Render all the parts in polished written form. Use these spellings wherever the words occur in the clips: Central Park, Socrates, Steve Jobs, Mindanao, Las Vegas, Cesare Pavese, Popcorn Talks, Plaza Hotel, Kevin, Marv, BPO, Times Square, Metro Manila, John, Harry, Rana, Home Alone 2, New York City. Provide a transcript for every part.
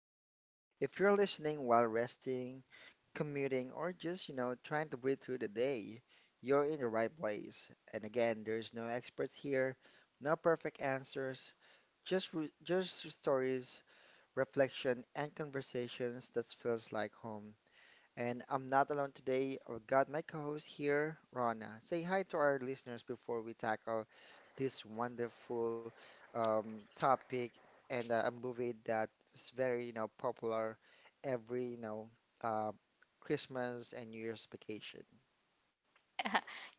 Talks. If you're listening while resting, commuting, or just trying to breathe through the day, you're in the right place. And again, there's no experts here, no perfect answers, just stories, reflection, and conversations that feels like home. And I'm not alone today. I've got my co host here, Rana. Say hi to our listeners before we tackle this wonderful topic and a movie that's very popular every, uh, Christmas and New Year's vacation.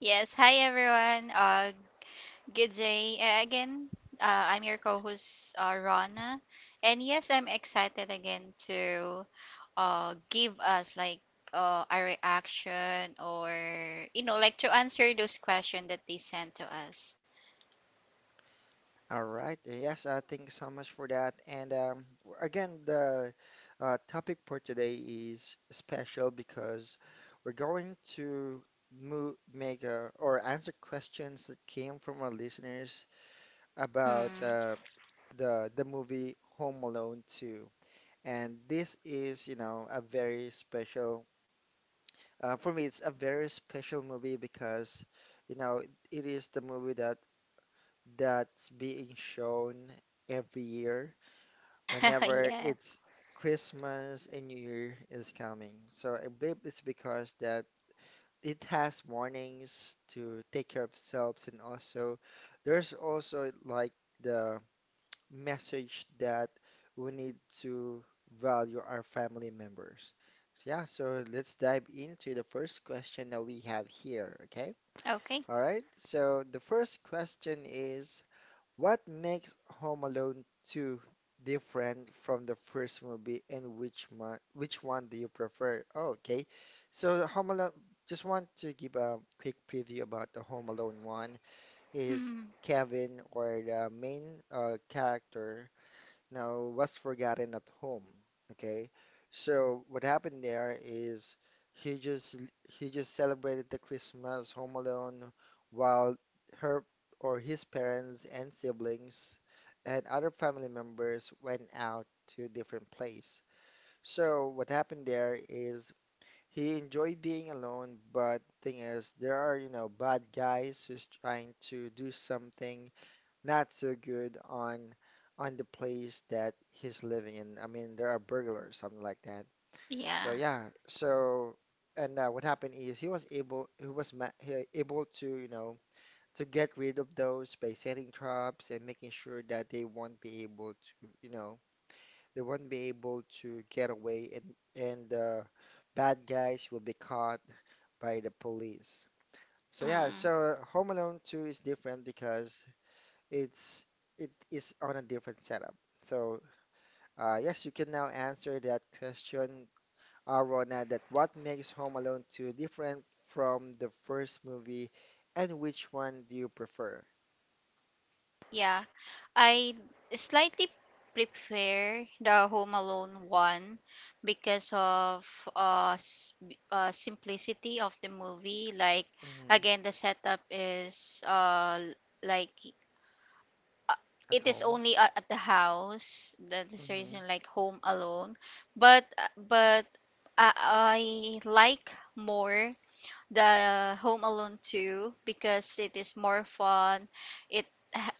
Yes, hi everyone. Good day again. I'm your co-host Rana, and yes, I'm excited again to give us like a reaction or like to answer those questions that they sent to us. All right. Yes, thank you so much for that. And again, the topic for today is special because we're going to or answer questions that came from our listeners about Hmm. The movie Home Alone 2. And this is, a very special for me. It's a very special movie because, you know, it is the movie that's being shown every year whenever Yeah. it's Christmas and New Year is coming. So I believe it's because that it has warnings to take care of selves and also there's also like the message that we need to value our family members. So yeah, so let's dive into the first question that we have here, okay? Okay. All right. So the first question is what makes Home Alone 2 different from the first movie, and which one do you prefer? Oh, okay. So Home Alone, just want to give a quick preview about the Home Alone one. Is Mm. Kevin or the main character now, what's forgotten at home? Okay, so what happened there is he just he just celebrated the Christmas home alone while her or his parents and siblings and other family members went out to a different place. So what happened there is he enjoyed being alone, but thing is there are, bad guys who's trying to do something not so good on the place that he's living in. I mean, there are burglars, something like that. So Yeah. yeah, so and what happened is he was able he was ma he able to to get rid of those by setting traps and making sure that they won't be able to get away and the bad guys will be caught by the police. So yeah, Mm. so Home Alone 2 is different because it's it is on a different setup. So yes, you can now answer that question, Rona, that what makes Home Alone 2 different from the first movie, and which one do you prefer? Yeah, I slightly prepare the Home Alone one because of simplicity of the movie. Like Hmm. again, the setup is like uh, At it is home? only at the house. That is the Hmm. reason like Home Alone, but I like more the Home Alone 2 because it is more fun. It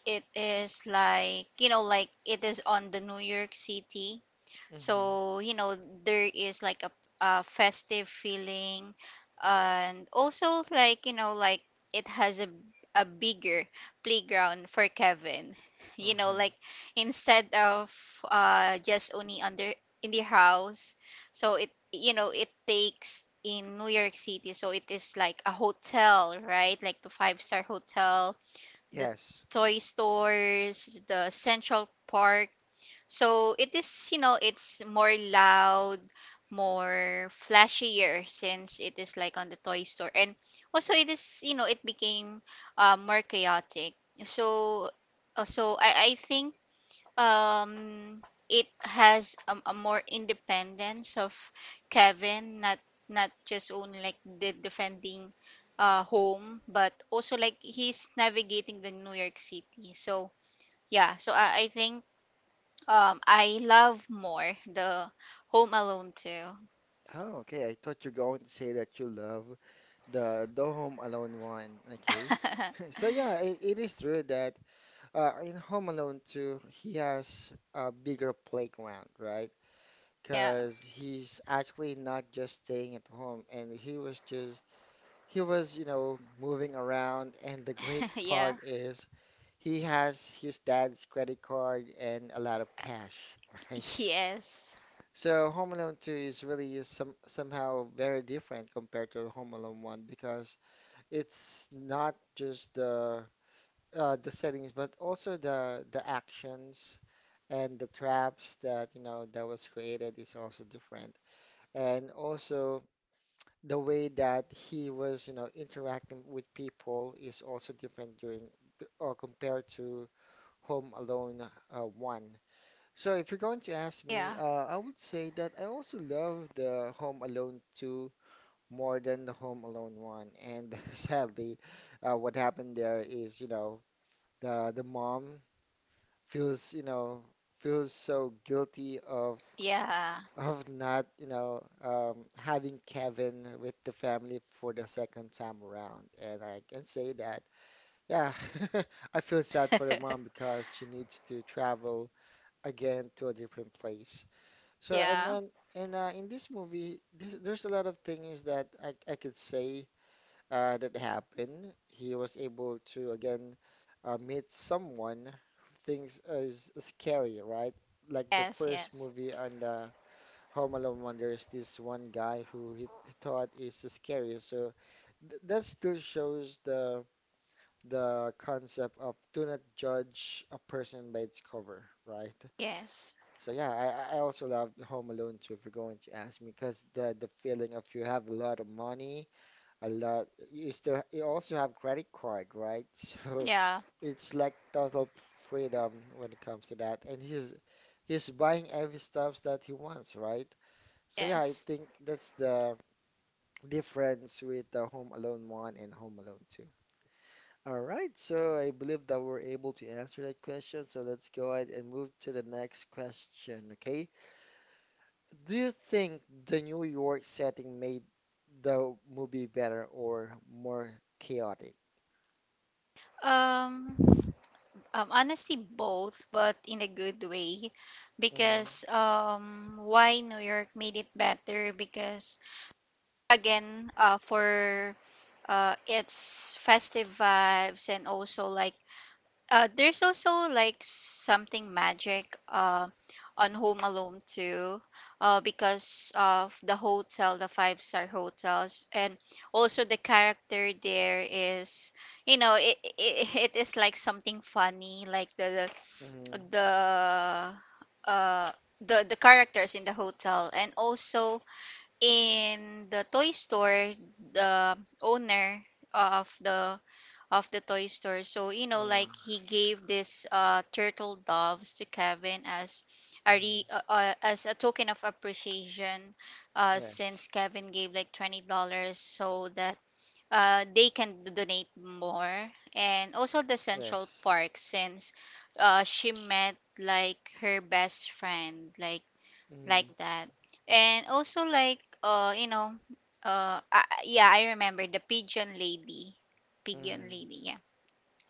it is like, like it is on the New York City, Hmm. so, there is like a festive feeling, and also like, like it has a bigger playground for Kevin. You know, Uh-huh. like instead of just only under in the house. So it, it takes in New York City, so it is like a hotel, right? Like the five-star hotel, the Yes. toy stores, the Central Park, so it is, it's more loud, more flashier since it is like on the toy store. And also it is, it became more chaotic. So so I think um it has a more independence of Kevin, not not just only like the defending home, but also like he's navigating the New York City. So yeah, so I think, I love more the Home Alone too. Oh, okay. I thought you're going to say that you love the Home Alone one. Okay. So yeah, it is true that in Home Alone 2, he has a bigger playground, right? Yeah. Because he's actually not just staying at home and he was moving around and the great Yeah. part is he has his dad's credit card and a lot of cash, right? Yes. So Home Alone 2 is really is some somehow very different compared to Home Alone 1 because it's not just the settings but also the actions and the traps that you know that was created is also different and also the way that he was, interacting with people is also different during or compared to Home Alone one. So if you're going to ask Yeah. me, I would say that I also love the Home Alone two more than the Home Alone one. And sadly, what happened there is, the mom feels, you know, feels so guilty of Yeah. of not, having Kevin with the family for the second time around. And I can say that, yeah, I feel sad for the mom because she needs to travel again to a different place. So, and Yeah. then, and in this movie, there's a lot of things that I could say that happened. He was able to again meet someone who thinks is scary, right? Like the Yes, first yes. movie on the Home Alone 1, there's this one guy who he thought is scary. So th that still shows the concept of do not judge a person by its cover, right? Yes. So yeah, I also love Home Alone too, if you're going to ask me, because the feeling of you have a lot of money, a lot, you also have credit card, right? So Yeah. it's like total freedom when it comes to that, and he's buying every stuff that he wants, right? So yeah, I Yes. think that's the difference with the Home Alone 1 and Home Alone 2. All right, so I believe that we're able to answer that question. So let's go ahead and move to the next question, okay? Do you think the New York setting made the movie better or more chaotic? Um, um, honestly both, but in a good way, Mm-hmm, because why New York made it better, because again, for its festive vibes, and also like uh, there's also like something magic on Home Alone too, because of the hotel, the five-star hotels, and also the character there is, it is like something funny, like mm-hmm, the uh, the the characters in the hotel, and also in the toy store, the owner of the of the toy store. So, mm-hmm, like he gave this turtle doves to Kevin as mm-hmm. As a token of appreciation Yes, since Kevin gave like $20 so that they can donate more. And also the Central yes. Park since she met like her best friend like Mm-hmm, that. And also like yeah, I remember the pigeon lady. Pigeon mm-hmm, lady, yeah.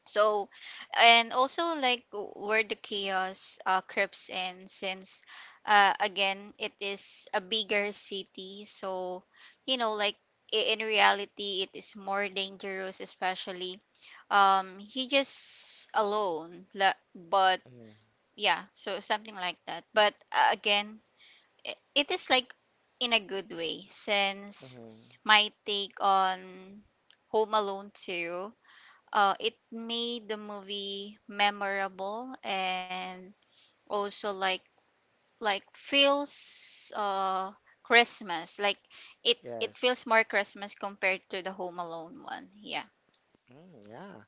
So, and also like where the chaos creeps in, since again it is a bigger city, so like in reality, it is more dangerous, especially he just alone, but mm-hmm, yeah, so something like that. But again, it is like in a good way, since mm-hmm. my take on Home Alone 2, it made the movie memorable and also like feels Christmas, like it Yes. feels more Christmas compared to the Home Alone one. Yeah. Mm, yeah.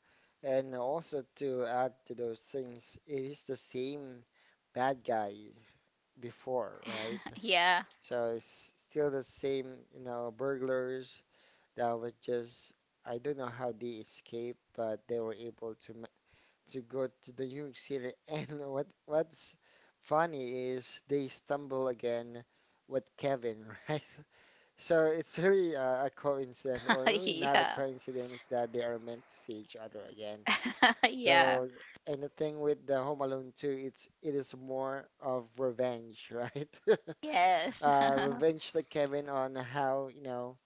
And also to add to those things, it is the same bad guy before, right? Yeah. So it's still the same, burglars that were just, I don't know how they escaped, but they were able to to go to the New York City. And what's funny is they stumble again with Kevin, right? So it's really a coincidence, or really not a Yeah. coincidence that they are meant to see each other again. Yeah. So, and the thing with the Home Alone 2, it is more of revenge, right? Yes. Revenge to Kevin on how, you know,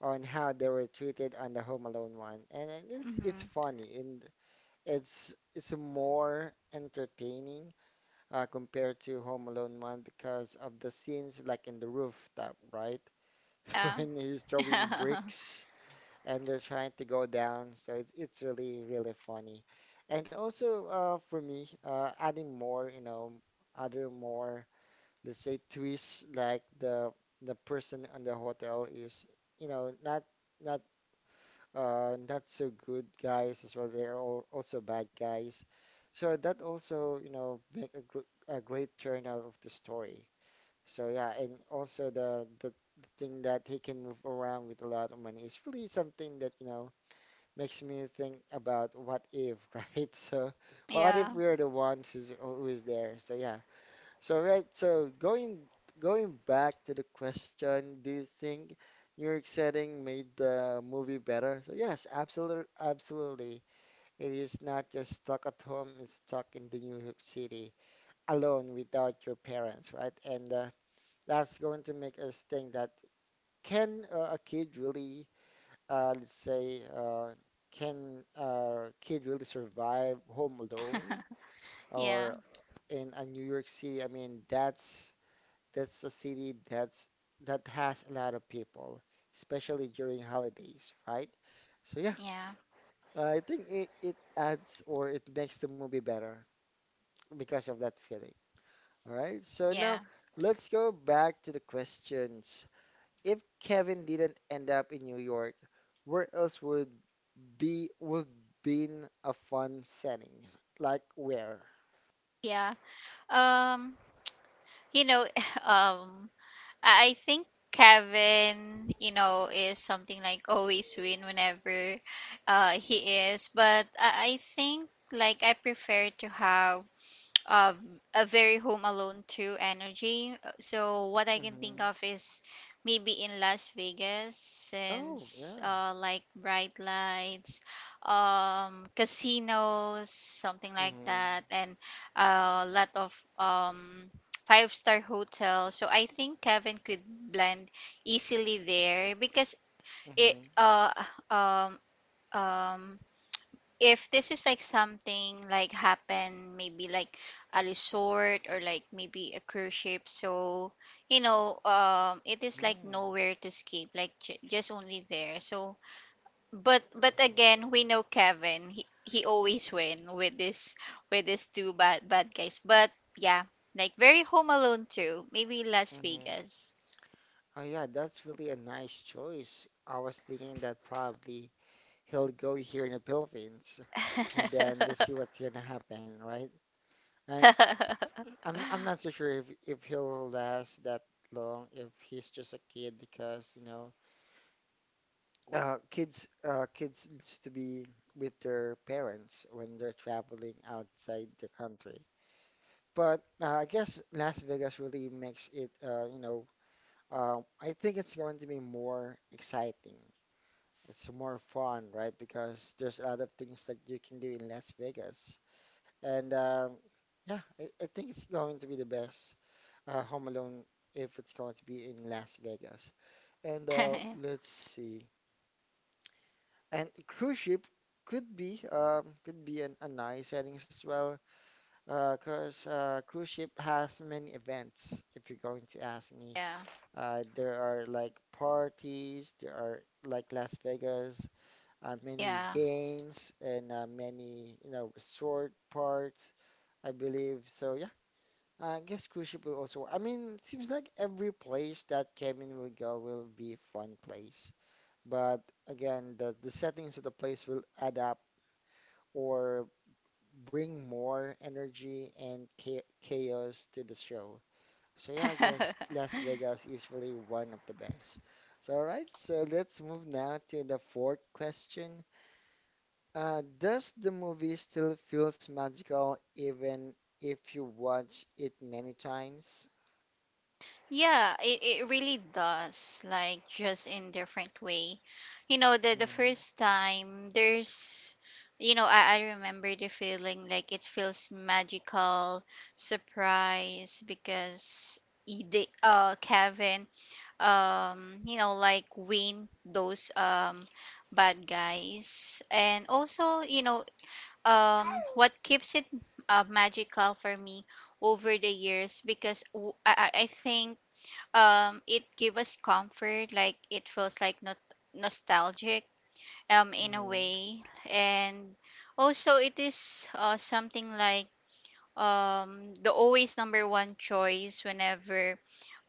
on how they were treated on the Home Alone one. And it- it's Hmm. it's funny and it's more entertaining compared to Home Alone one because of the scenes like in the rooftop, right? Yeah. When he's throwing bricks and they're trying to go down. So it's really really funny, and also for me, adding more, other more let's say twists like the person on the hotel is you know not not not so good guys as well. They're all also bad guys, so that also make a great turn out of the story. So yeah, and also the thing that he can move around with a lot of money is really something that makes me think about what if, right? So Yeah. what if Yeah. we're the ones who is there? So yeah. So right, so going back to the question, do you think New York setting made the movie better? So yes, absolutely, absolutely. It is not just stuck at home, it's stuck in the New York City alone without your parents, right? And that's going to make us think that can a kid really let's say, can a kid really survive home alone or in a New York City? I mean, that's a city that has a lot of people, especially during holidays, right? So yeah, Yeah. I think it adds or it makes the movie better because of that feeling. All right, so Yeah. now let's go back to the questions. If Kevin didn't end up in New York, where else would been a fun setting. Like where? Yeah. um you know um I think Kevin, is something like always win whenever he is. But I think like I prefer to have of a very Home Alone too energy. So what I can Mm-hmm. think of is maybe in Las Vegas, Oh, since yeah. Like bright lights, casinos, something like Mm-hmm. that, and a lot of um five-star hotels. So I think Kevin could blend easily there because it Mm-hmm. Um um if this is like something like happen, maybe like a resort or like maybe a cruise ship, so it is like Mm. nowhere to escape, like just only there. So but again, we know Kevin, he always win with this two bad guys but yeah, like very Home Alone too, maybe Las Mm-hmm. Vegas. Oh, yeah, that's really a nice choice. I was thinking that probably he'll go here in the Philippines and then let's see what's gonna happen, right? And I'm not so sure if he'll last that long if he's just a kid because, you know, kids, kids needs to be with their parents when they're traveling outside the country. But I guess Las Vegas really makes it, I think it's going to be more exciting. It's more fun, right? Because there's a lot of things that you can do in Las Vegas. And yeah, I think it's going to be the best Home Alone if it's going to be in Las Vegas. And let's see. And cruise ship could be a nice setting as well, because cruise ship has many events. If you're going to ask me, Yeah. There are like parties, there are like Las Vegas, many Yeah. games, and many resort parts, I believe. So yeah, I guess cruise ship will also. I mean, seems like every place that Kevin will go will be fun place, but again, the settings of the place will adapt or bring more energy and chaos to the show. So yeah, I guess Las Vegas is really one of the best. So let's move now to the fourth question. Does the movie still feels magical even if you watch it many times? Yeah, it really does, like just in different way. You know, the Mm-hmm. first time there's, I remember the feeling like it feels magical, surprise because the Kevin like win those bad guys, and also what keeps it magical for me over the years, because I think it give us comfort, like it feels like not nostalgic in a Mm-hmm. way. And also it is something like the always number one choice whenever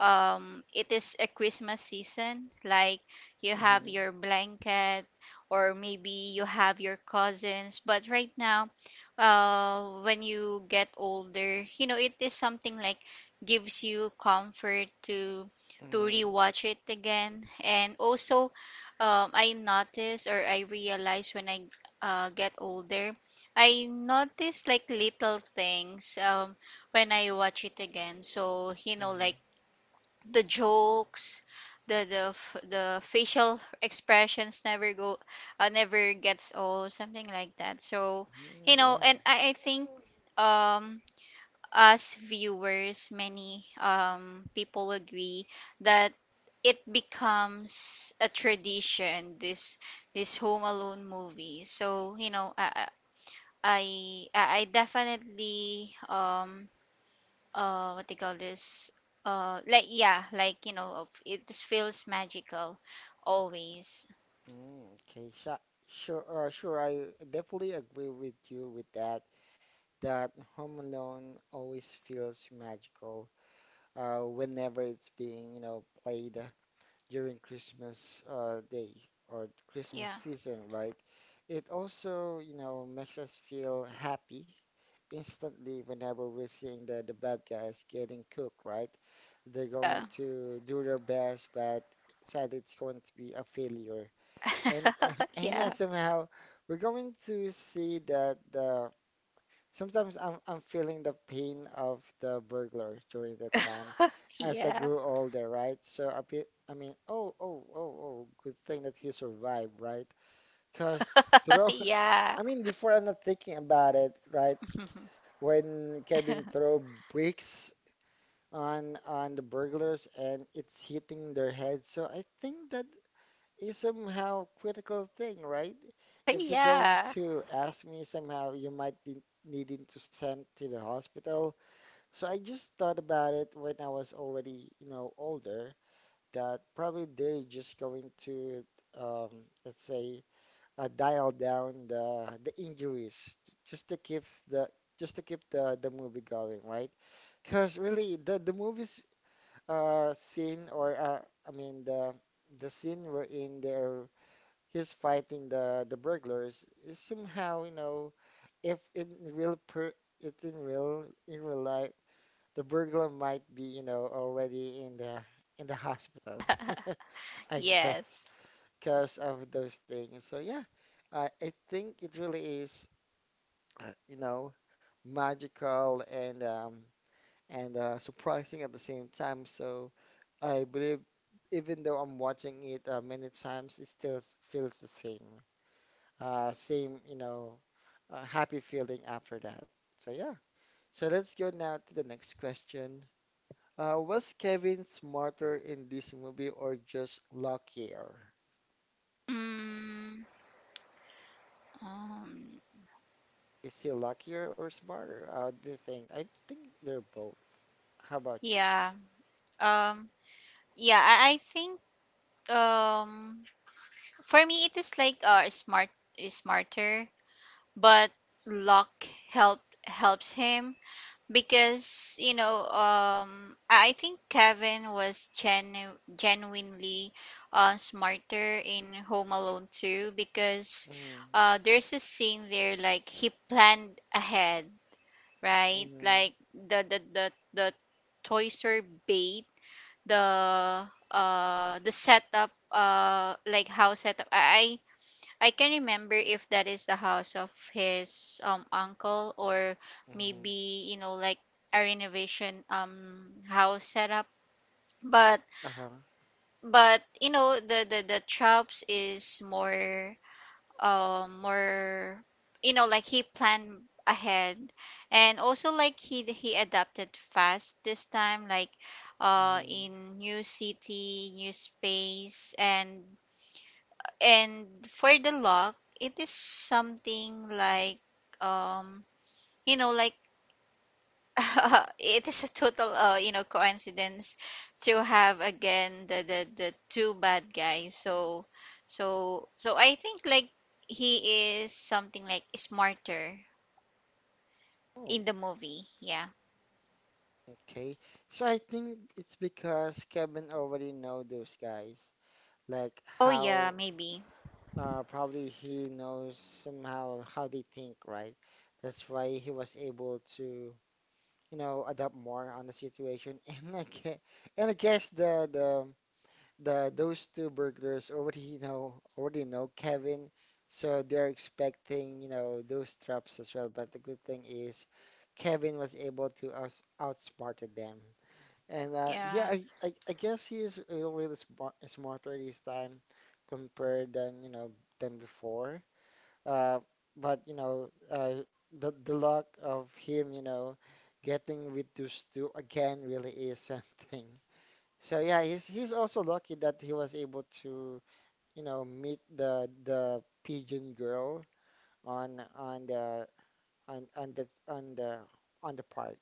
it is a Christmas season, like you Mm-hmm. have your blanket or maybe you have your cousins, but right now when you get older, it is something like gives you comfort to Mm-hmm. rewatch it again. And also I notice or I realize when I get older, I noticed like little things when I watch it again. So, Mm-hmm. like the jokes, the facial expressions never go never gets old, something like that. So, Mm, yeah. and I think um us viewers, many people agree that it becomes a tradition, this Home Alone movie. So I definitely what they call this like yeah, like it just feels magical always. Mm, okay. Sure. Sure. I definitely agree with you with that, Home Alone always feels magical whenever it's being, you know, played during Christmas day or Christmas Yeah. season, right? It also, you know, makes us feel happy instantly whenever we're seeing the bad guys getting cooked, right? They're going uh, to do their best, but sadly it's going to be a failure. And and yeah, yeah. somehow we're going to see that the sometimes I'm feeling the pain of the burglar during that time as I Yeah. grew older, right? I mean, oh, good thing that he survived, right? Because throw, Yeah. I mean, before I'm not thinking about it, right? When Kevin throw bricks on the burglars and it's hitting their head, so I think that is somehow critical thing, right? If you're going Yeah. to ask me somehow, you might be needing to send to the hospital. So I just thought about it when I was already, you know, older, that probably they're just going to, um, let's say, dial down the just to keep the, just to keep the movie going, right? Because really, the movies scene or I mean the scene wherein they're he's fighting the burglars is somehow, you know, if in real per it's in real life, the burglar might be, you know, already in the hospital. I guess Yes. because of those things. So yeah, I think it really is, you know, magical and surprising at the same time. So I believe even though I'm watching it many times, it still feels the same same, you know, happy feeling after that. So yeah. So let's go now to the next question. Was Kevin smarter in this movie or just luckier? mm, um Is he luckier or smarter? Do you think? I think they're both. How about you? yeah, um yeah, I think um for me it is like smarter, but luck help helps him, because I think Kevin was genuinely smarter in Home Alone too, because Mm, there's a scene there, like he planned ahead, right? mm, Like the toys are bait, the the setup like how setup, I can remember if that is the house of his uncle, or mm, maybe like a renovation house setup. But uh-huh, but the chops is more more, like he planned ahead, and also like he adapted fast this time like mm. in new city, new space. And for the lock, it is something like um like it is a total coincidence to have again the two bad guys. So so I think like he is something like smarter Oh, in the movie. Yeah. okay. So I think it's because Kevin already know those guys, like Oh yeah, how maybe. uh, probably he knows somehow how they think, right? That's why he was able to, you know, adapt more on the situation. And I guess, and I guess the those two burglars already know Kevin, so they're expecting, you know, those traps as well. But the good thing is, Kevin was able to outsmarted them. And uh, Yeah. yeah, I, I I guess he is really smarter this time compared than you know than before uh, but you know, the luck of him, you know, getting with those two again really is something. So yeah, he's also lucky that he was able to, you know, meet the pigeon girl on on the on the on the park.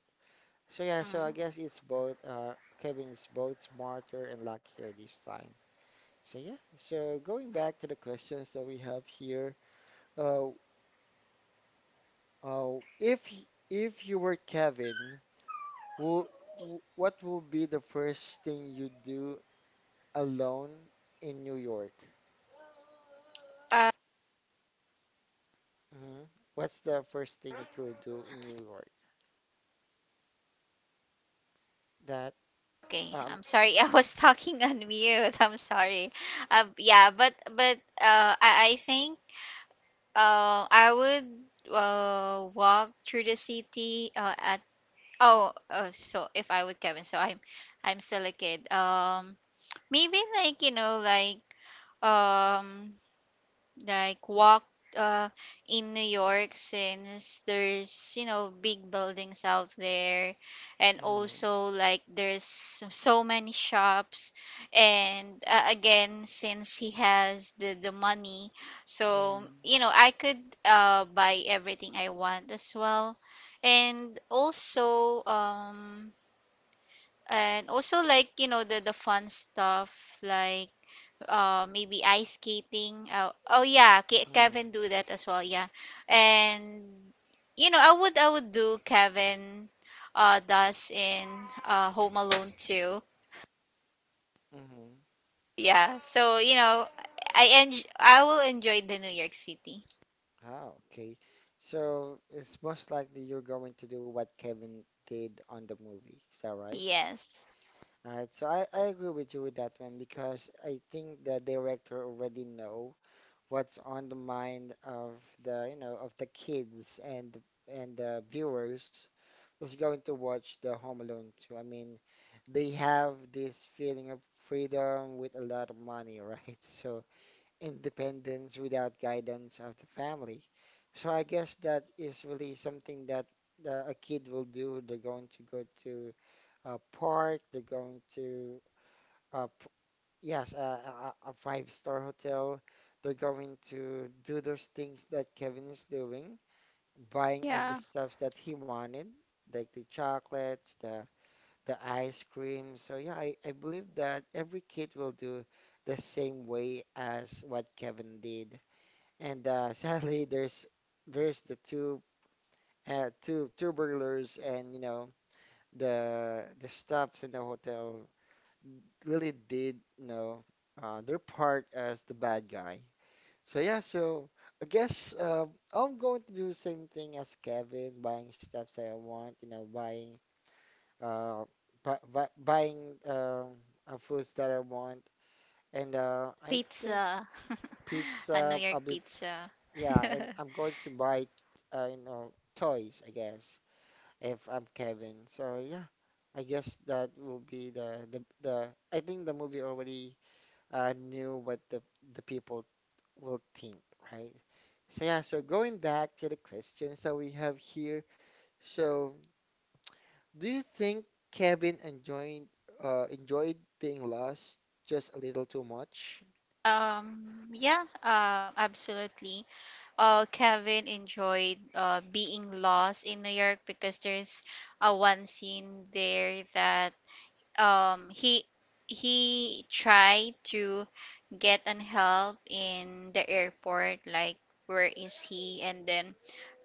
So yeah, so Mm. I guess it's both. Kevin is both smarter and luckier this time. So yeah, so going back to the questions that we have here, uh Oh, if you were Kevin, who, what will be the first thing you do alone in New York? Uh, Hmm, what's the first thing that you'll do in New York? That okay. um, I'm sorry. I was talking on mute. I'm sorry. Yeah, but I think, I would walk through the city at oh so if I would Kevin, so I'm still a kid, maybe like um like walked uh in New York, since there's big buildings out there, and mm, also like there's so many shops. And again since he has the money, so mm, I could buy everything I want as well. And also and also like the fun stuff, like maybe ice skating. Oh, oh yeah, mm, Kevin do that as well, yeah. And you know I would I would do Kevin does in Home Alone too. mm. Yeah, so you know I en I will enjoy the New York City. Oh, okay. So it's most likely you're going to do what Kevin did on the movie. Is that right? Yes. All right. So I agree with you with that one because I think the director already know what's on the mind of the, you know, of the kids and the viewers who's going to watch the Home Alone 2. I mean, they have this feeling of freedom with a lot of money, right? So independence without guidance of the family. So I guess that is really something that a kid will do. They're going to go to a park. They're going to uh, Yes, a, a five-star hotel. They're going to do those things that Kevin is doing, buying Yeah. every stuff that he wanted, like the chocolates, the ice cream. So yeah, I believe that every kid will do the same way as what Kevin did. And sadly, there's the two, two burglars and you know the stuffs in the hotel really did, you know, their part as the bad guy. So yeah, so I guess I'm going to do the same thing as Kevin, buying stuff that I want, you know, buying uh, bu bu buying foods that I want, and I think Pizza. A New pizza. York I'll be pizza. Yeah, and I'm going to buy, you know, toys. I guess if I'm Kevin. So yeah, I guess that will be the. I think the movie already knew what the people will think, right? So yeah, so going back to the questions that we have here. So do you think Kevin enjoyed enjoyed being lost just a little too much? Yeah, absolutely Kevin enjoyed being lost in New York because there's a one scene there that um he he tried to get an help in the airport, like where is he, and then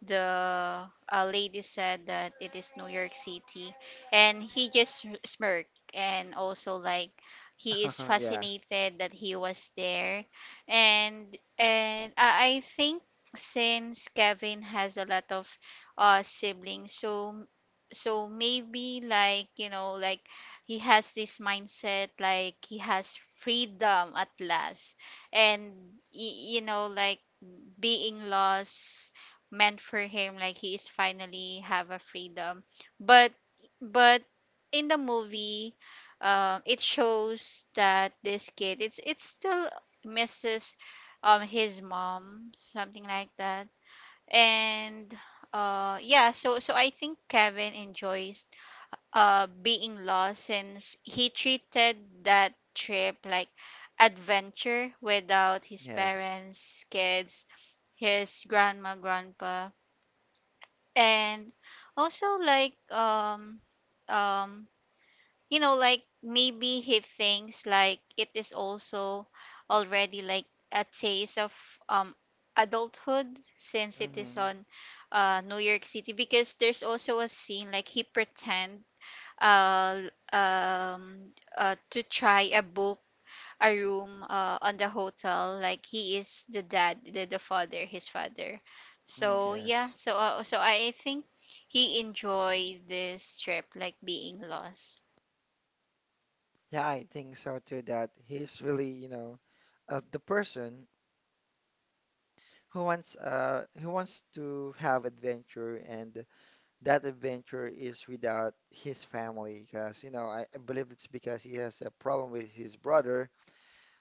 the lady said that it is New York City, and he just smirked, and also like he is Yeah, fascinated that he was there. And I think, since Kevin has a lot of siblings, so so maybe like like he has this mindset like he has freedom at last. And you know like being lost meant for him like he is finally have a freedom. but but in the movie it shows that this kid it's it still misses his mom, something like that. And yeah, so so I think Kevin enjoys being lost, since he treated that trip like adventure without his yes. parents, kids, his grandma, grandpa. And also like um like maybe he thinks like it is also already like a taste of um adulthood, since it is Mm-hmm. on New York City. Because there's also a scene like he pretend uh to try a book a room on the hotel, like he is the dad, the father, his father. Mm, So yeah, yes. so so I think he enjoyed this trip like being lost. Yeah, I think so too that he's really, you know, the person who wants to have adventure and that adventure is without his family because you know I believe it's because he has a problem with his brother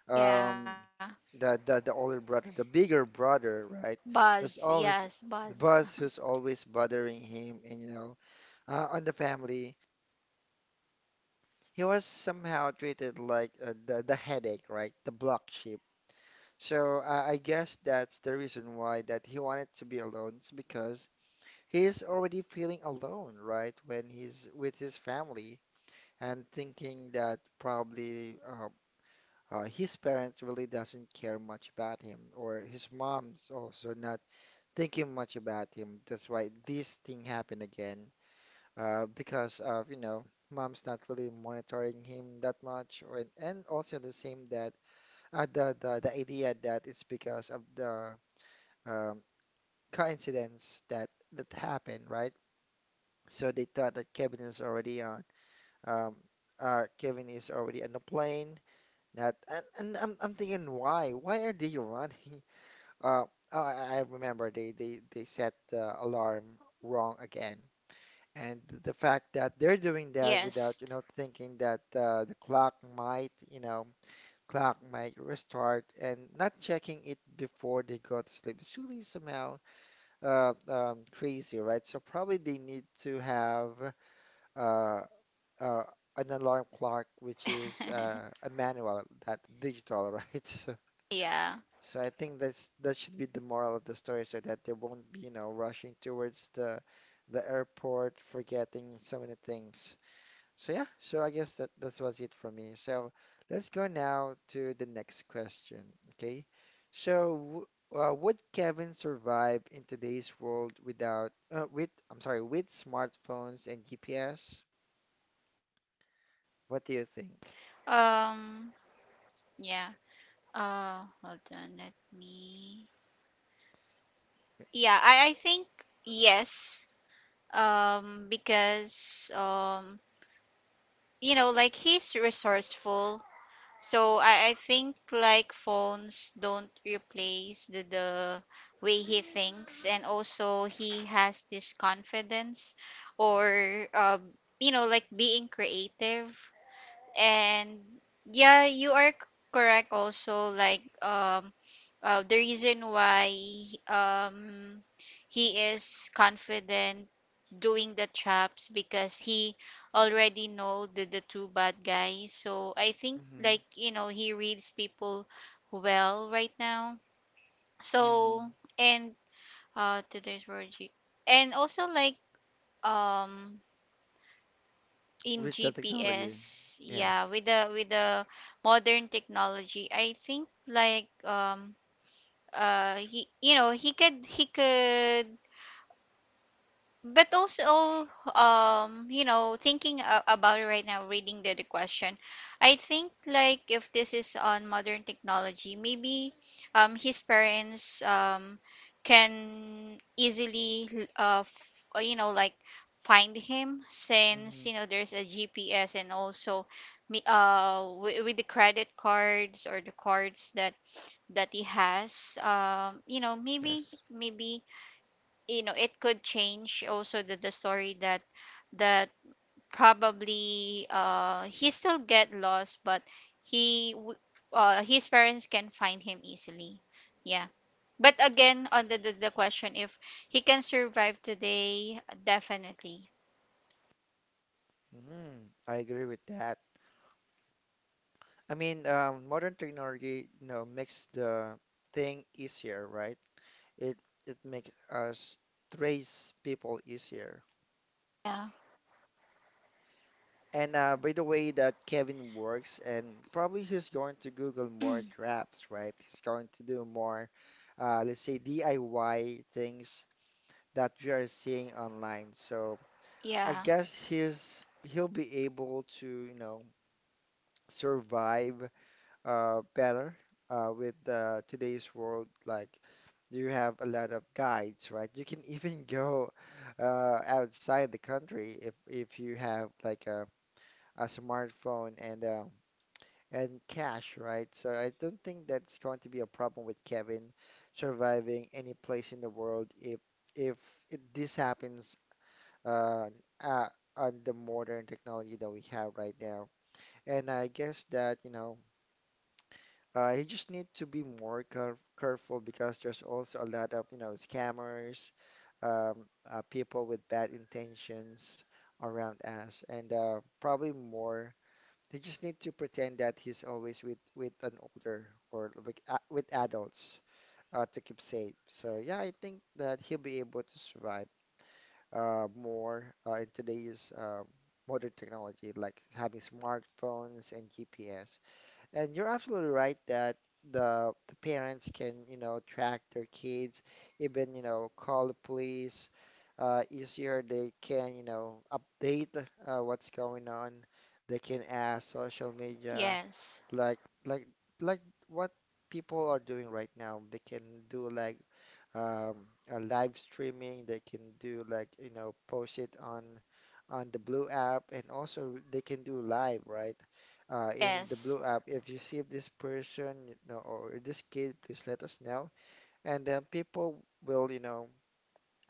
um Yeah, the the older brother the bigger brother, right, buzz who's always yes, the Buzz. boss who's always bothering him and you know on the family he was somehow treated like the headache, right, the black sheep. So I guess that's the reason why that he wanted to be alone. It's because he's already feeling alone, right, when he's with his family and thinking that probably his parents really doesn't care much about him, or his mom's also not thinking much about him. That's why this thing happened again, because of, you know, mom's not really monitoring him that much, or, and also the same that the idea that it's because of the um, coincidence that that happened, right? So they thought that Kevin is already on. Um, Kevin is already on the plane. That And I'm thinking why? Why are they running? Uh, oh, I remember they set the alarm wrong again, and the fact that they're doing that without you know Yes. thinking that the clock might you know clock might restart and not checking it before they go to sleep is really somehow crazy, right? So probably they need to have uh, uh, an alarm clock which is a manual that digital, right? So so Yeah. I think that's that should be the moral of the story, so that they won't be, you know, rushing towards the airport, forgetting so many things. So yeah, so I guess that that was it for me. So let's go now to the next question. Okay, so would Kevin survive in today's world without with I'm sorry, with smartphones and GPS? What do you think? um yeah, hold on, let me, yeah, I think yes, because you know Like he's resourceful. So I think like phones don't replace the way he thinks, and also he has this confidence or you know, like being creative. And yeah, you are correct. Also like the reason why um, he is confident doing the traps, because he already know the two bad guys. So I think Mm-hmm. like, you know, he reads people well right now. So, Mm-hmm. and today's and also like um in With the technology? GPS, yeah, Yes, with the modern technology. I think like he, you know, he could, he could but also you know, thinking about it right now, reading the question, I think like if this is on modern technology, maybe his parents can easily you know, like find him, mm-hmm, since, you know, there's a GPS. And also me, with the credit cards or the cards that he has, you know, maybe, yes. maybe, you know, it could change also the story that that probably he still get lost, but he w- his parents can find him easily. Yeah. But again, on the question, if he can survive today, definitely. Mm, I agree with that. I mean, modern technology, you know, makes the thing easier, right? It it makes us trace people easier. Yeah. And by the way that Kevin works, and probably he's going to Google more traps, right? He's going to do more, let's say DIY things that we are seeing online. So I Yeah. guess he'll be able to, you know, survive better with today's world. Like you have a lot of guides, right? You can even go outside the country if you have like a smartphone and cash, right? So I don't think that's going to be a problem with Kevin surviving any place in the world if this happens uh, uh, on the modern technology that we have right now. And I guess that, you know, you just need to be more careful because there's also a lot of, you know, scammers, people with bad intentions around us, and probably more. They just need to pretend that he's always with an older or with adults to keep safe. So yeah, I think that he'll be able to survive more in today's modern technology, like having smartphones and GPS. And you're absolutely right that the parents can, you know, track their kids, even, you know, call the police easier. They can, you know, update what's going on. They can ask social Yes. media, like like like what people are doing right now. They can do like a live streaming. They can do like, post it on the Blue app, and also they can do live, right? In the Yes. Blue app, if you see this person, or this kid, please let us know, and then people will, you know,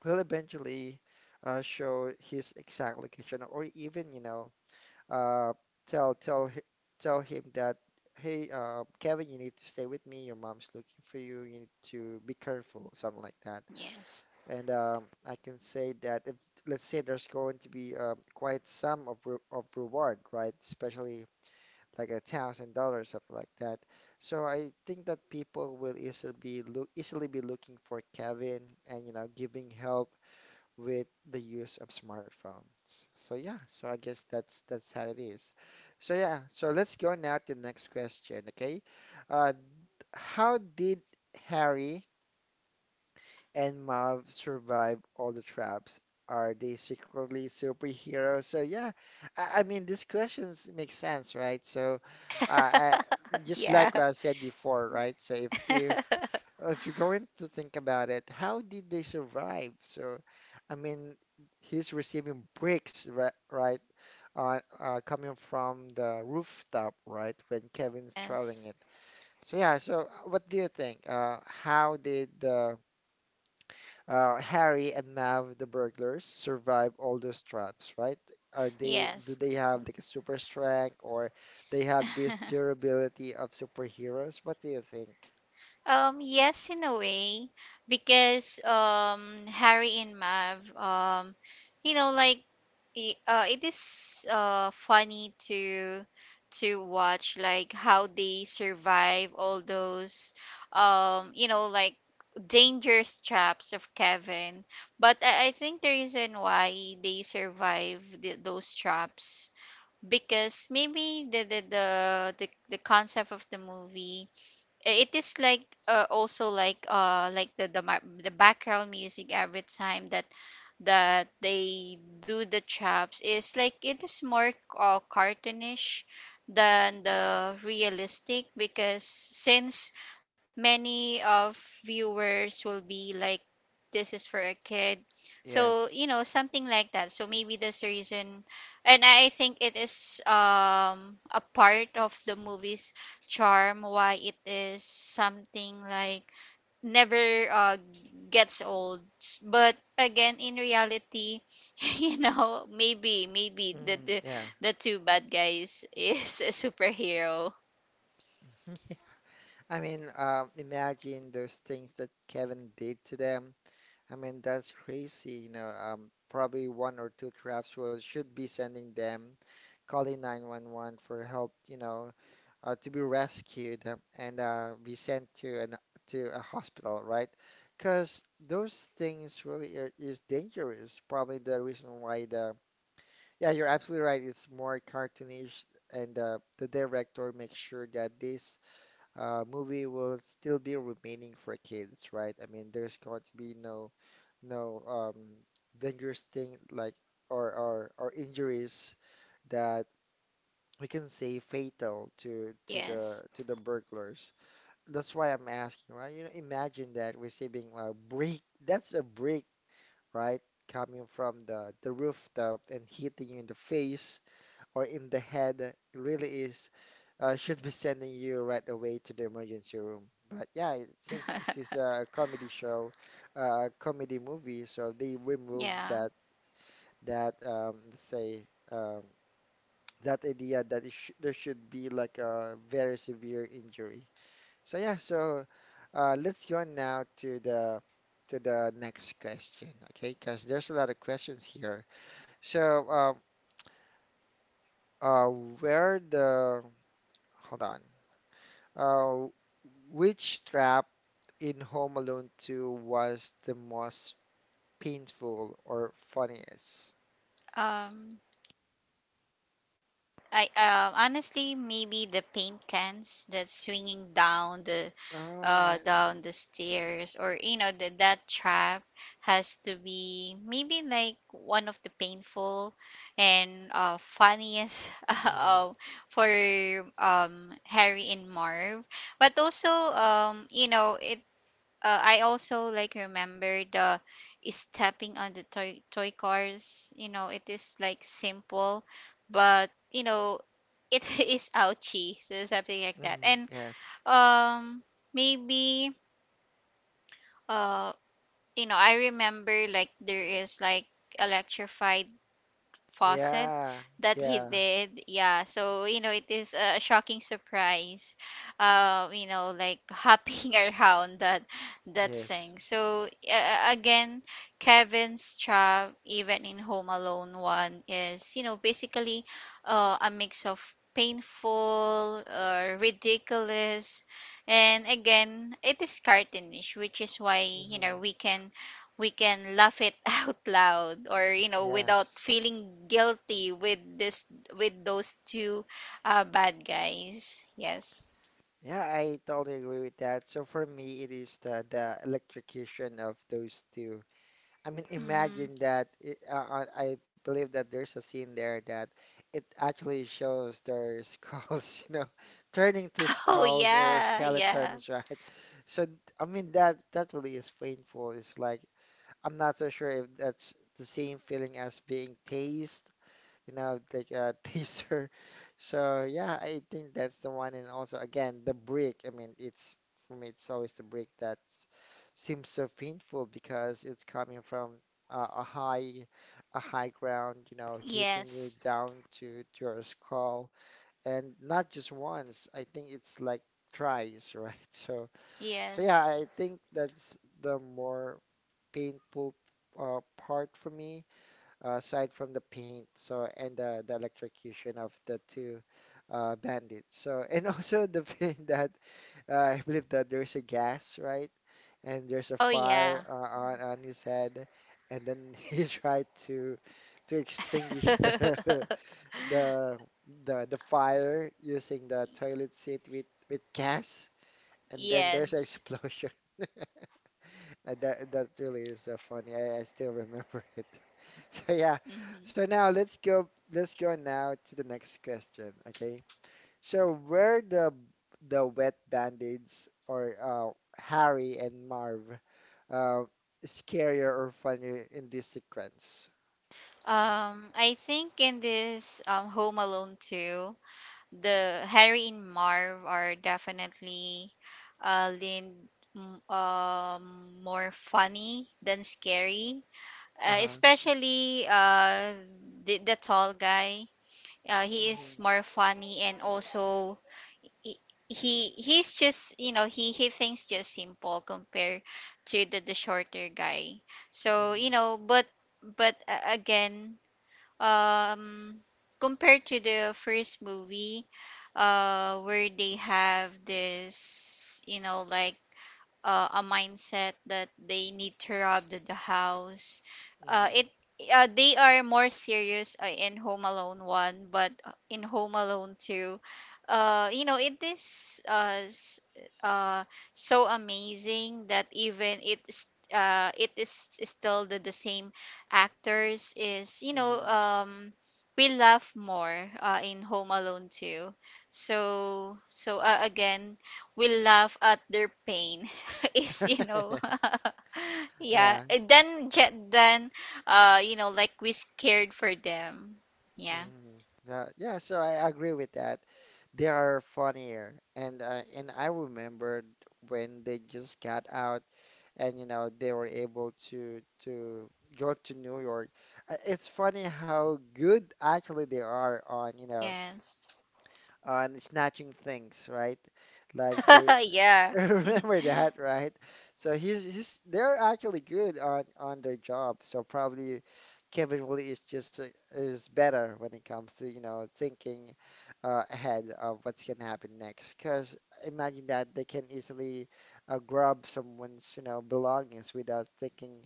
will eventually show his exact location, or even, uh, tell tell hi- tell him that. Hey, Kevin, you need to stay with me. Your mom's looking for you. You need to be careful, something like that. Yes. And I can say that if, let's say, there's going to be quite some of re of reward, right? Especially like $1,000, something like that. So I think that people will easily be looking for Kevin and giving help with the use of smartphones. So yeah, so I guess that's how it is. So yeah, so let's go now to the next question, okay? Uh, how did Harry and Mav survive all the traps? Are they secretly superheroes? So yeah, I mean these questions make sense, right? So, uh, I, just Yeah. like what I said before, right? So if you're going to think about it, how did they survive? So, I mean, he's receiving bricks, right? Right, coming from the rooftop, right? When Kevin's throwing Yes. it. So yeah. So what do you think? How did the Harry and Nav, the burglars, survive all those traps, right? Do Yes. they have like a super strength or they have this durability of superheroes? What do you think? Yes, in a way, because Harry and Mav, you know, like it is funny to watch like how they survive all those you know, like dangerous traps of Kevin. But I think the reason why they survive those traps, because maybe the concept of the movie, it is like also like the background music every time that they do the chops is like it is more cartoonish than the realistic, because since many of viewers will be like, this is for a kid, so Yes. you know, something like that. So maybe that's the reason. And I think it is a part of the movie's charm, why it is something like never gets old. But again, in reality, you know, maybe, the Mm, the, yeah. the two bad guys is a superhero. I mean, imagine those things that Kevin did to them. I mean, that's crazy. Probably one or two crafts was should be sending them, calling 911 for help, to be rescued and be sent to a hospital, right? Because those things really is dangerous. Probably the reason why the— Yeah, you're absolutely right. It's more cartoonish, and the director makes sure that this movie will still be remaining for kids, right? I mean, there's going to be no dangerous thing or injuries that we can say fatal Yes. to the burglars. That's why I'm asking, right? Imagine that receiving a brick. That's a brick, right? Coming from the rooftop and hitting you in the face or in the head. It really is should be sending you right away to the emergency room. But yeah, since this is a comedy show, comedy movie, so they remove Yeah. That let's say um, that idea that it sh there should be like a very severe injury. So yeah, so let's go now to the next question, okay? Because there's a lot of questions here. So uh, where the hold on, uh, which strap in Home Alone 2 was the most painful or funniest? Um. I honestly, maybe the paint cans that's swinging Oh yeah. down the stairs, or you know, that trap has to be maybe like one of the painful and funniest Mm, um, for Harry and Marv. But also you know it, I also like remember the stepping on the toy cars. You know, it is like simple, but you know, it is ouchy, so something like that. mm, And yes. um maybe uh you know, I remember like there is like electrified faucet Yeah, that he yeah, did. Yeah, so you know, it is a shocking surprise. You know, like hopping around that yes. thing. So again, Kevin's job, even in Home Alone one, is you know, basically a mix of painful or ridiculous. And again, it is cartoonish, which is why you Hmm. know, we can laugh it out loud, or you know, without Yes. feeling guilty with this, with those two bad guys. Yes. Yeah, I totally agree with that. So for me, it is the electrocution of those two. I mean, Mm. imagine that I believe that there's a scene there that it actually shows their skulls, turning to Oh skulls or yeah, yeah. skeletons, right? So I mean that really is painful. It's like I'm not so sure if that's the same feeling as being tased, like a taser. So yeah, I think that's the one. And also, again, the brick. I mean, it's for me, it's always the brick that seems so painful because it's coming from uh, a high, a high ground, hitting you Yes. down to your skull, and not just once. I think it's like tries, right? So Yes. yeah, I think that's the more painful part for me, aside from the paint, so and the electrocution of the two bandits. So and also the thing that I believe that there's a gas, right? And Oh there's a yeah. fire on his head, and then he tried to extinguish the the the fire using the toilet seat with gas, and then there's an Yes. explosion. That really is so funny. I still remember it. So yeah. Mhm. So now let's go now to the next question, okay? So where the wet bandits or Harry and Marv uh, scarier or funnier in this sequence? I think in this Home Alone too the Harry and Marv are definitely leaned more funny than scary. Uh-huh. Especially the tall guy. He is Mm-hmm. more funny. And also he, he he's just, you know, he thinks just simple compared to the shorter guy. So you Mm-hmm. know, but again, um compared to the first movie, where they have this, you know, like a mindset that they need to rob the house. It they are more serious in Home Alone one, but in Home Alone two, you know, it is uh, so amazing that even it's it is still the same actors. Is, you know, Mm-hmm. We laugh more in Home Alone 2. So so again, we laugh at their pain, is you know, Mm-hmm. yeah. Yeah. And then jet then you know, like we scared for them. Yeah. Mm, yeah, yeah, so I agree with that. They are funnier, and I remembered when they just got out, and they were able to go to New York. It's funny how good actually they are on Yes. Snatching things, right? Like they Yeah. remember that, right? So he's they're actually good on their job. So probably Kevin Woolley is just is better when it comes to, thinking ahead of what's gonna happen next. Because imagine that they can easily grab someone's, belongings without thinking,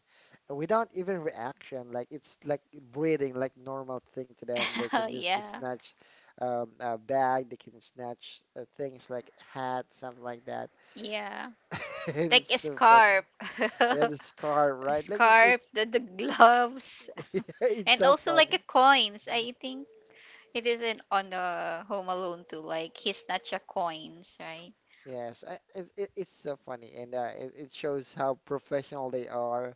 without even reaction. Like it's like breathing, like normal thing to them. They can just Yeah, snatch a bag. They can snatch things like hat, something like that. yeah. And Like it's a so funny. scarf, Yeah, a the scar, right? Like scarf, it's the gloves. it's And so also like a funny. coins, I think it isn't on the Home Alone too like he snatch a coins, right? Yes, it's so funny, and it shows how professional they are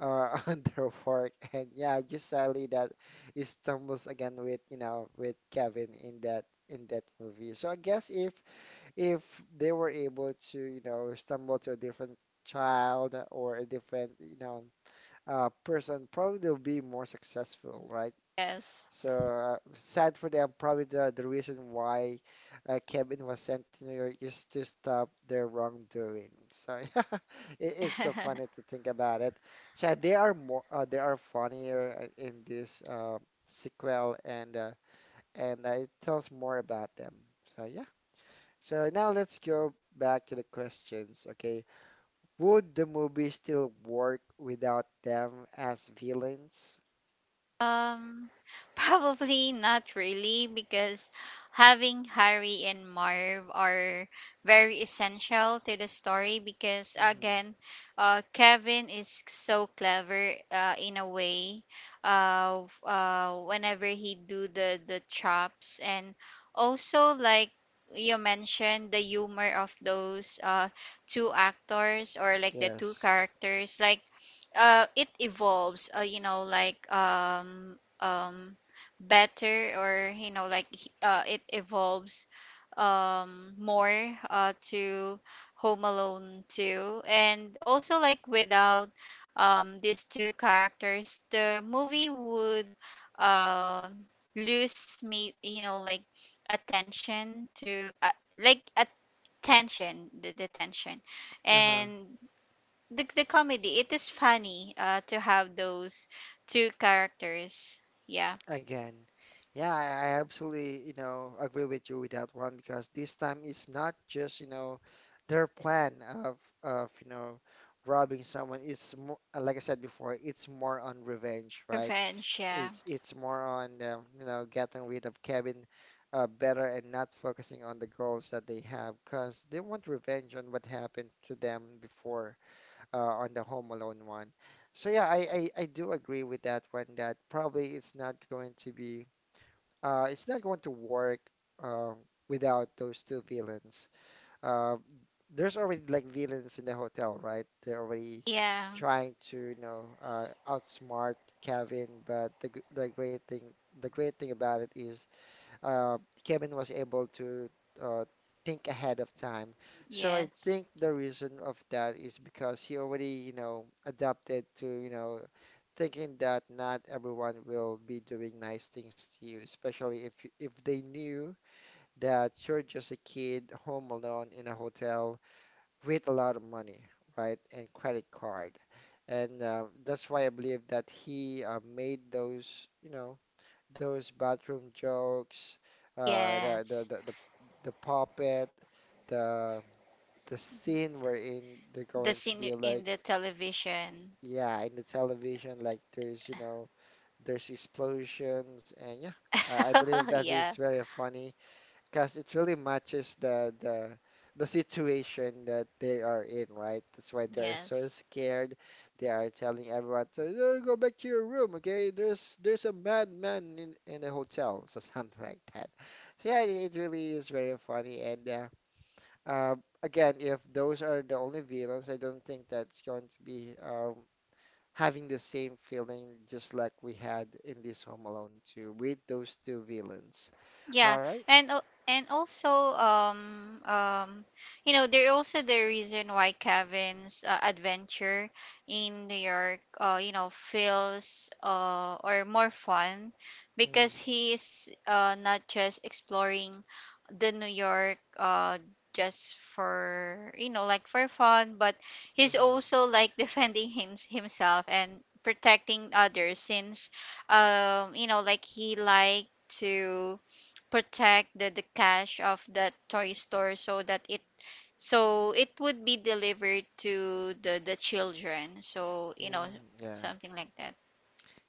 on their work. And yeah, just sadly that he stumbles again with Kevin in that movie. So I guess if they were able to stumble to a different child or a different person, probably they'll be more successful, right? Yes. So sad for them. Probably the reason why Kevin was sent to New York is to stop their wrongdoing. So it's so funny to think about it. So yeah, they are more they are funnier in this sequel and it tells more about them. So yeah. So now let's go back to the questions. Okay, would the movie still work without them as villains? Um, probably not really, because having Harry and Marv are very essential to the story, because Hmm. again, Kevin is so clever in a way, whenever he do the chops. And also like you mentioned the humor of those two actors, or like the two Yes. characters. Like it evolves, you know, like better, or you know, like it evolves more to Home Alone 2. And also like without these two characters, the movie would uh, lose me, you know, like attention to, like attention, the tension Uh-huh. and the comedy. It is funny to have those two characters. Yeah. Again, yeah, I absolutely, agree with you with that one because this time it's not just, their plan of of, you know, robbing someone. It's more, like I said before, it's more on revenge, right? Revenge, yeah. It's more on getting rid of Kevin better and not focusing on the goals that they have because they want revenge on what happened to them before on the Home Alone 1. So yeah, I do agree with that one that probably it's not going to work uh, without those two villains. Uh, there's already like villains in the hotel, right? They're already Yeah. trying to outsmart Kevin, but the great thing about it is uh, Kevin was able to uh, think ahead of time. So I Yes. think the reason of that is because he already, adapted to, thinking that not everyone will be doing nice things to you, especially if they knew that you're just a kid home alone in a hotel with a lot of money, right, and credit card. And that's why I believe that he made those bathroom jokes, uh, the, the Yes. the the the puppet, the the scene wherein they're The going scene to be in the like, television. yeah, in the television, like there's you know there's explosions and yeah, I believe that is Yeah. very funny because it really matches the situation that they are in, right? That's why they're so Yes. scared. They are telling everyone to "Oh, go back to your room, okay? There's a madman in a hotel, so something like that. So yeah, it really is very funny. And uh, again, if those are the only villains, I don't think that's going to be having the same feeling just like we had in this Home Alone 2 with those two villains. Yeah, All right. and and also you know, they're also the reason why Kevin's adventure in New York, you know, feels or more fun, because Mhm. he's not just exploring the New York, just for, you know, like for fun, but he's Mhm. also like defending himself and protecting others, since you know, like he liked to protect the cash of that toy store so that it, so it would be delivered to the children. So you know, Mm, yeah. something like that.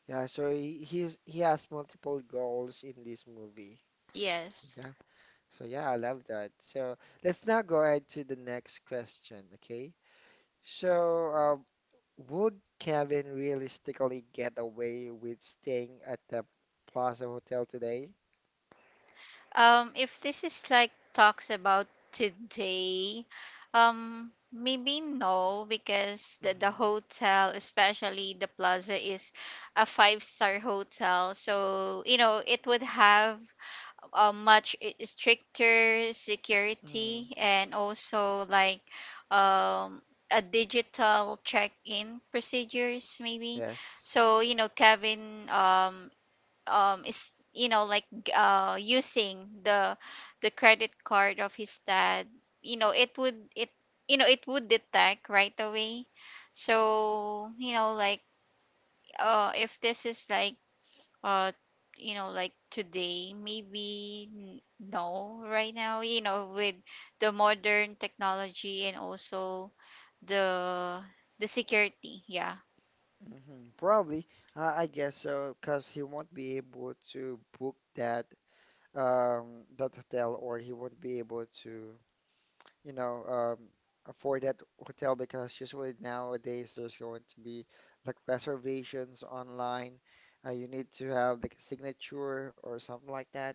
Yeah, so he has multiple goals in this movie. Yes. Yeah. So yeah, I love that. So let's now go ahead to the next question, okay? So would Kevin realistically get away with staying at the Plaza Hotel today? If this is like talks about today, maybe no, because the Mm-hmm. hotel, especially the Plaza, is a five-star hotel. So you know, it would have a much stricter Mm-hmm. security. And also like um, a digital check-in procedures, maybe. Yes. So you know, Kevin, is, you know, like using the credit card of his dad. You know, it would it, you know, it would detect right away. So you know, like if this is like uh you know, like today, maybe no, right now, you know, with the modern technology and also the the security. Yeah. Mm-hmm. Probably, I guess so, because he won't be able to book that hotel, or he won't be able to. you know, um, afford that hotel because usually nowadays there's going to be like reservations online. You need to have like a signature or something like that.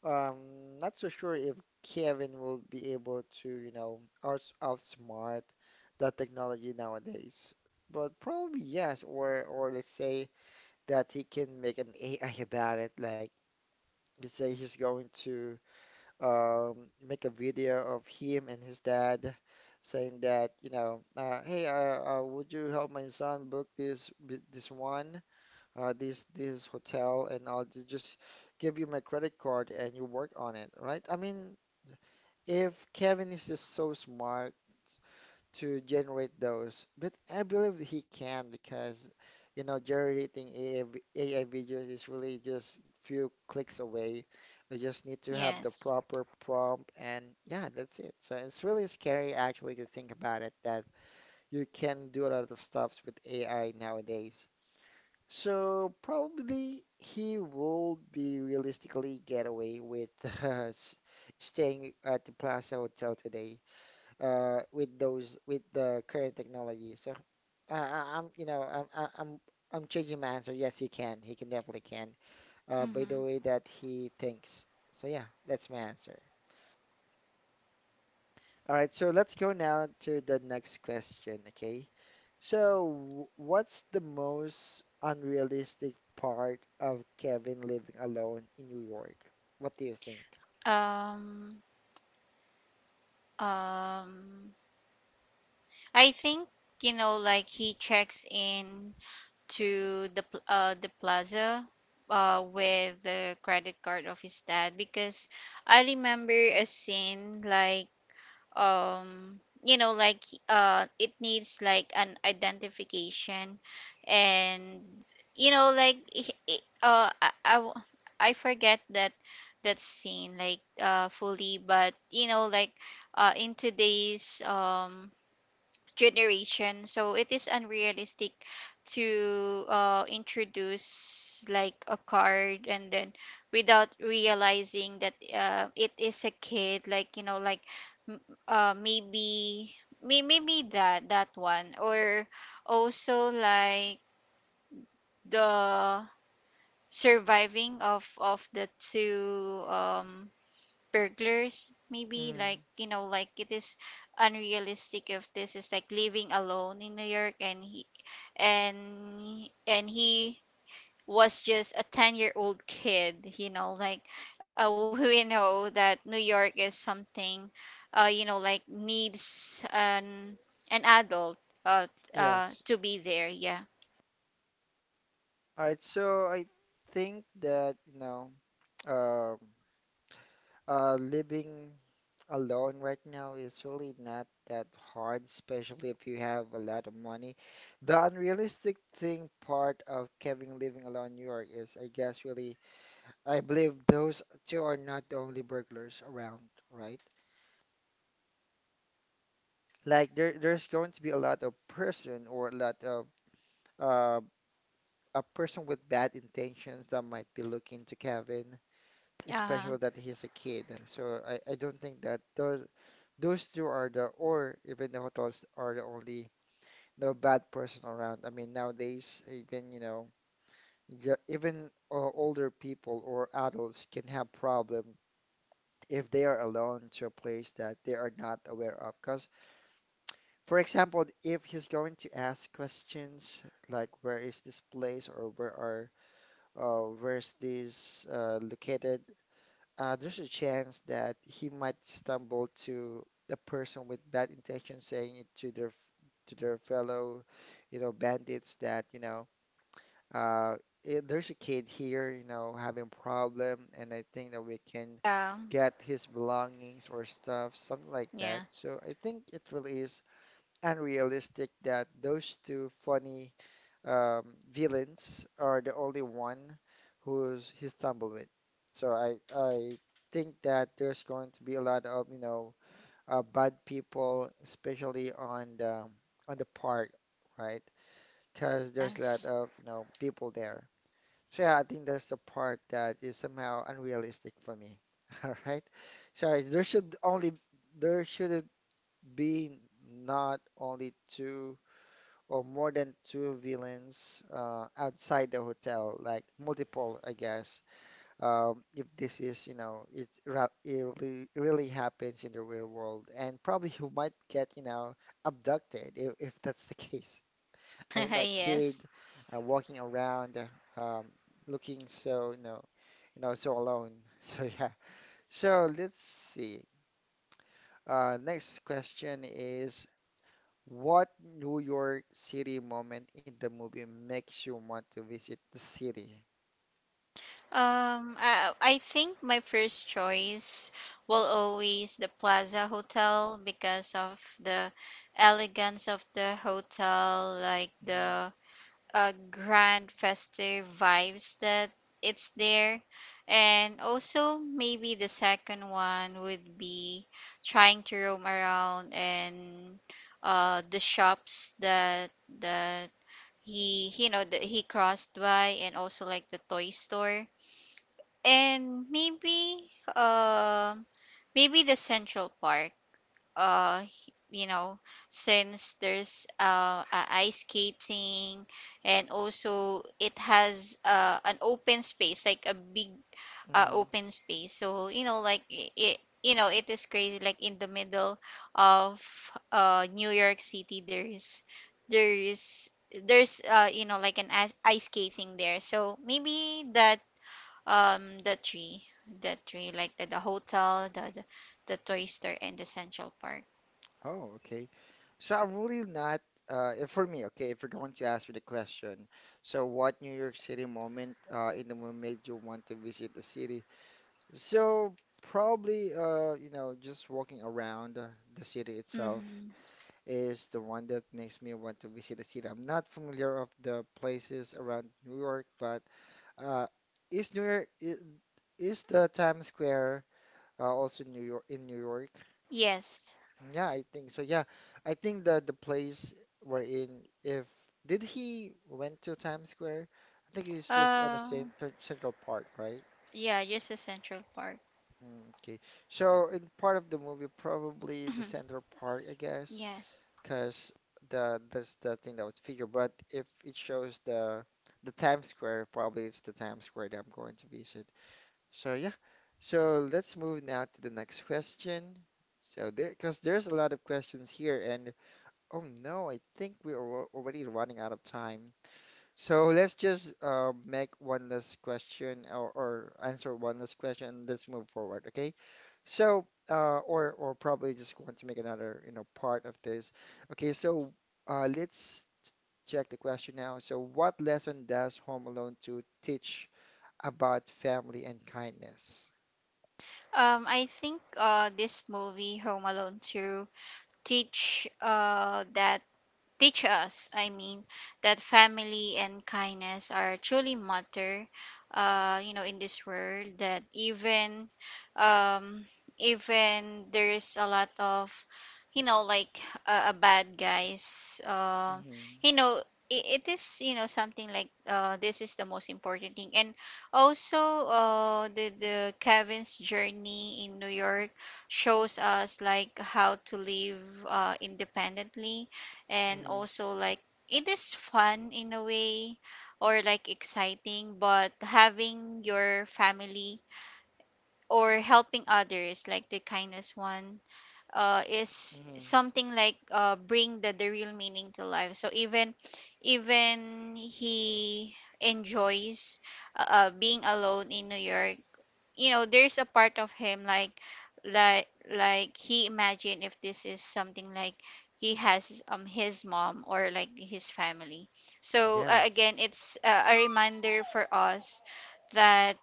Not so sure if Kevin will be able to, you know, outsmart that technology nowadays. But probably yes, or let's say that he can make an AI about it. Like let's say he's going to um, make a video of him and his dad saying that, you know, hey, would you help my son book this one, this hotel, and just give you my credit card and you work on it, right? I mean, if Kevin is just so smart to generate those. But I believe that he can because, you know, generating AI videos is really just few clicks away. You just need to have the Yes. proper prompt and yeah, that's it. So it's really scary actually to think about it that you can do a lot of stuffs with AI nowadays. So probably he will be realistically get away with uh, staying at the Plaza Hotel today with those with the current technology. So you know, I'm I- I'm changing my answer. Yes, he can. He can definitely can. By the Hmm. way that he thinks. So yeah, that's my answer. All right, so let's go now to the next question, okay? So, what's the most unrealistic part of Kevin living alone in New York? What do you think? um um I think, you know, like he checks in to the the Plaza with the credit card of his dad, because I remember a scene like, you know, like it needs like an identification. And you know, like I, I forget that that scene like fully. But you know, like in today's generation, so it is unrealistic to introduce like a card, and then without realizing that it is a kid. Like you know, like m- maybe, maybe that that one, or also like the surviving of the two burglars. Maybe, like, Mm, you know, like it is unrealistic if this is like living alone in New York, and he, and and he was just a 10-year-old year old kid. You know, like we know that New York is something you know, like needs an adult uh yes. to be there. Yeah. All right, so I think that, you know, um, living alone right now is really not that hard, especially if you have a lot of money. The unrealistic thing part of Kevin living alone in New York is, I guess, really, I believe those two are not the only burglars around, right? Like there's going to be a lot of person or a lot of uh, a person with bad intentions that might be looking to Kevin, uh especially that he's a kid. So I don't think that those two are the or even the hotels are the only no bad person around. I mean nowadays even you know yeah, even older people or adults can have problem if they are alone to a place that they are not aware of. Because for example, if he's going to ask questions like where is this place or where are where's this located, there's a chance that he might stumble to a person with bad intentions saying it to their fellow, you know, bandits that, you know, uh, there's a kid here, you know, having problem, and I think that we can yeah. get his belongings or stuff, something like that. Yeah. So I think it really is unrealistic that those two funny villains are the only one who's he stumbled with. So I think that there's going to be a lot of you know bad people, especially on the park, right? Because there's a lot Yes. of you know people there. So yeah, I think that's the part that is somehow unrealistic for me. All right. So there shouldn't be not only two or more than two villains outside the hotel, like multiple, I guess. If this is, you know, it really, really happens in the real world, and probably you might get, you know, abducted if that's the case. I mean, that kid Yes. Walking around, looking so, you know, so alone. So yeah. So let's see. Next question is. What New York City moment in the movie makes you want to visit the city? Um, I think my first choice will always the Plaza Hotel, because of the elegance of the hotel, like Mm, the grand festive vibes that it's there. And also maybe the second one would be trying to roam around and the shops that that he, you know, that he crossed by, and also like the toy store, and maybe uh, maybe the Central Park. You know, since there's a ice skating, and also it has an open space, like a big mm. open space. So, you know, like it, you know, it is crazy, like in the middle of New York City, there's there's you know, like an ice skating there. So, maybe that, um, the three, the three, like the hotel, the toy store, and the Central Park. Oh, okay. So I'm really not, for me, okay, if you're going to ask me the question, so what New York City moment in the movie made you want to visit the city? So probably, you know, just walking around the city itself Mm-hmm. is the one that makes me want to visit the city. I'm not familiar of the places around New York, but Uh, is the Times Square also New York in New York? Yes. Yeah, I think so. Yeah, I think the place we're in. If did he went to Times Square? I think he's just on a Uh, Central Park, right? yeah, just the Central Park. Mm, okay. So in part of the movie, probably the Central Park, I guess, Yes. because the that's the thing that was figured. But if it shows the Times Square, probably it's the Times Square that I'm going to visit. So yeah, so let's move now to the next question. So there, because there's a lot of questions here, and oh no, I think we're already running out of time. So let's just make one last question or answer one last question, and let's move forward, okay? So or probably just want to make another you know part of this. Okay, so let's check the question now. So what lesson does Home Alone 2 teach about family and kindness? I think this movie Home Alone 2 teach uh that teach us, I mean, that family and kindness are truly matter, you know, in this world, that even um even there's a lot of, you know, like a bad guys, Mm-hmm. you know, it is you know, something like this is the most important thing. And also the Kevin's journey in New York shows us like how to live independently. And Mm-hmm. also like it is fun, in a way, or like exciting, but having your family or helping others, like the kindness one, is Mm-hmm. something like bring the real meaning to life. So even, even he enjoys being alone in New York, you know, there's a part of him, like, like he imagine if this is something like he has his mom, or like his family. So Yeah. again, it's a reminder for us that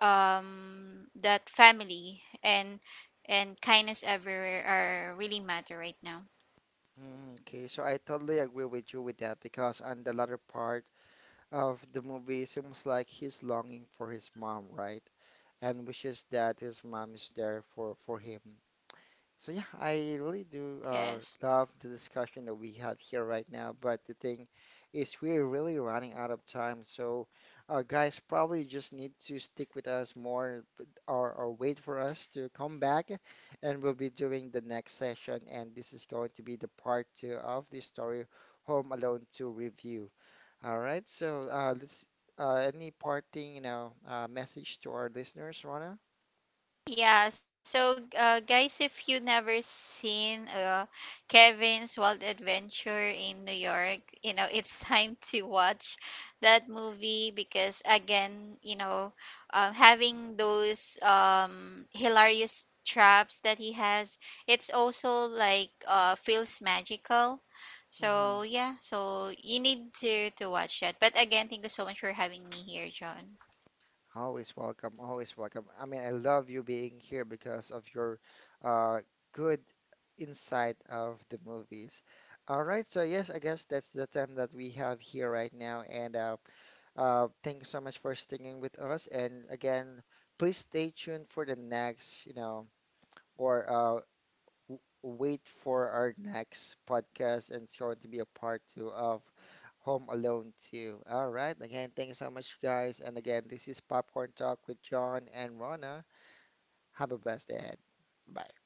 that family and kindness everywhere are really matter right now. Mm, okay, so I totally agree with you with that because on the latter part of the movie, it seems like he's longing for his mom, right? And wishes that his mom is there for him. So yeah, I really do Yes. love the discussion that we had here right now, but the thing is we're really running out of time. So guys, probably just need to stick with us more or wait for us to come back and we'll be doing the next session and this is going to be the part two of the story Home Alone 2 review. All right, so let's any parting, you know, message to our listeners, Rona? Yeah, so guys, if you never seen Kevin's Wild Adventure in New York, you know, it's time to watch that movie, because again, you know, having those hilarious traps that he has, it's also like feels magical. So yeah, so you need to watch that. But again, thank you so much for having me here, John. Always welcome, always welcome. I mean, I love you being here because of your uh, good insight of the movies. All right, so yes, I guess that's the time that we have here right now. And thank you so much for sticking with us. And again, please stay tuned for the next, you know, or uh, wait for our next podcast, and it's going to be a part two of Home Alone 2. All right. Again, thank you so much, guys. And again, this is Popcorn Talk with John and Rona. Have a blessed day ahead. Bye.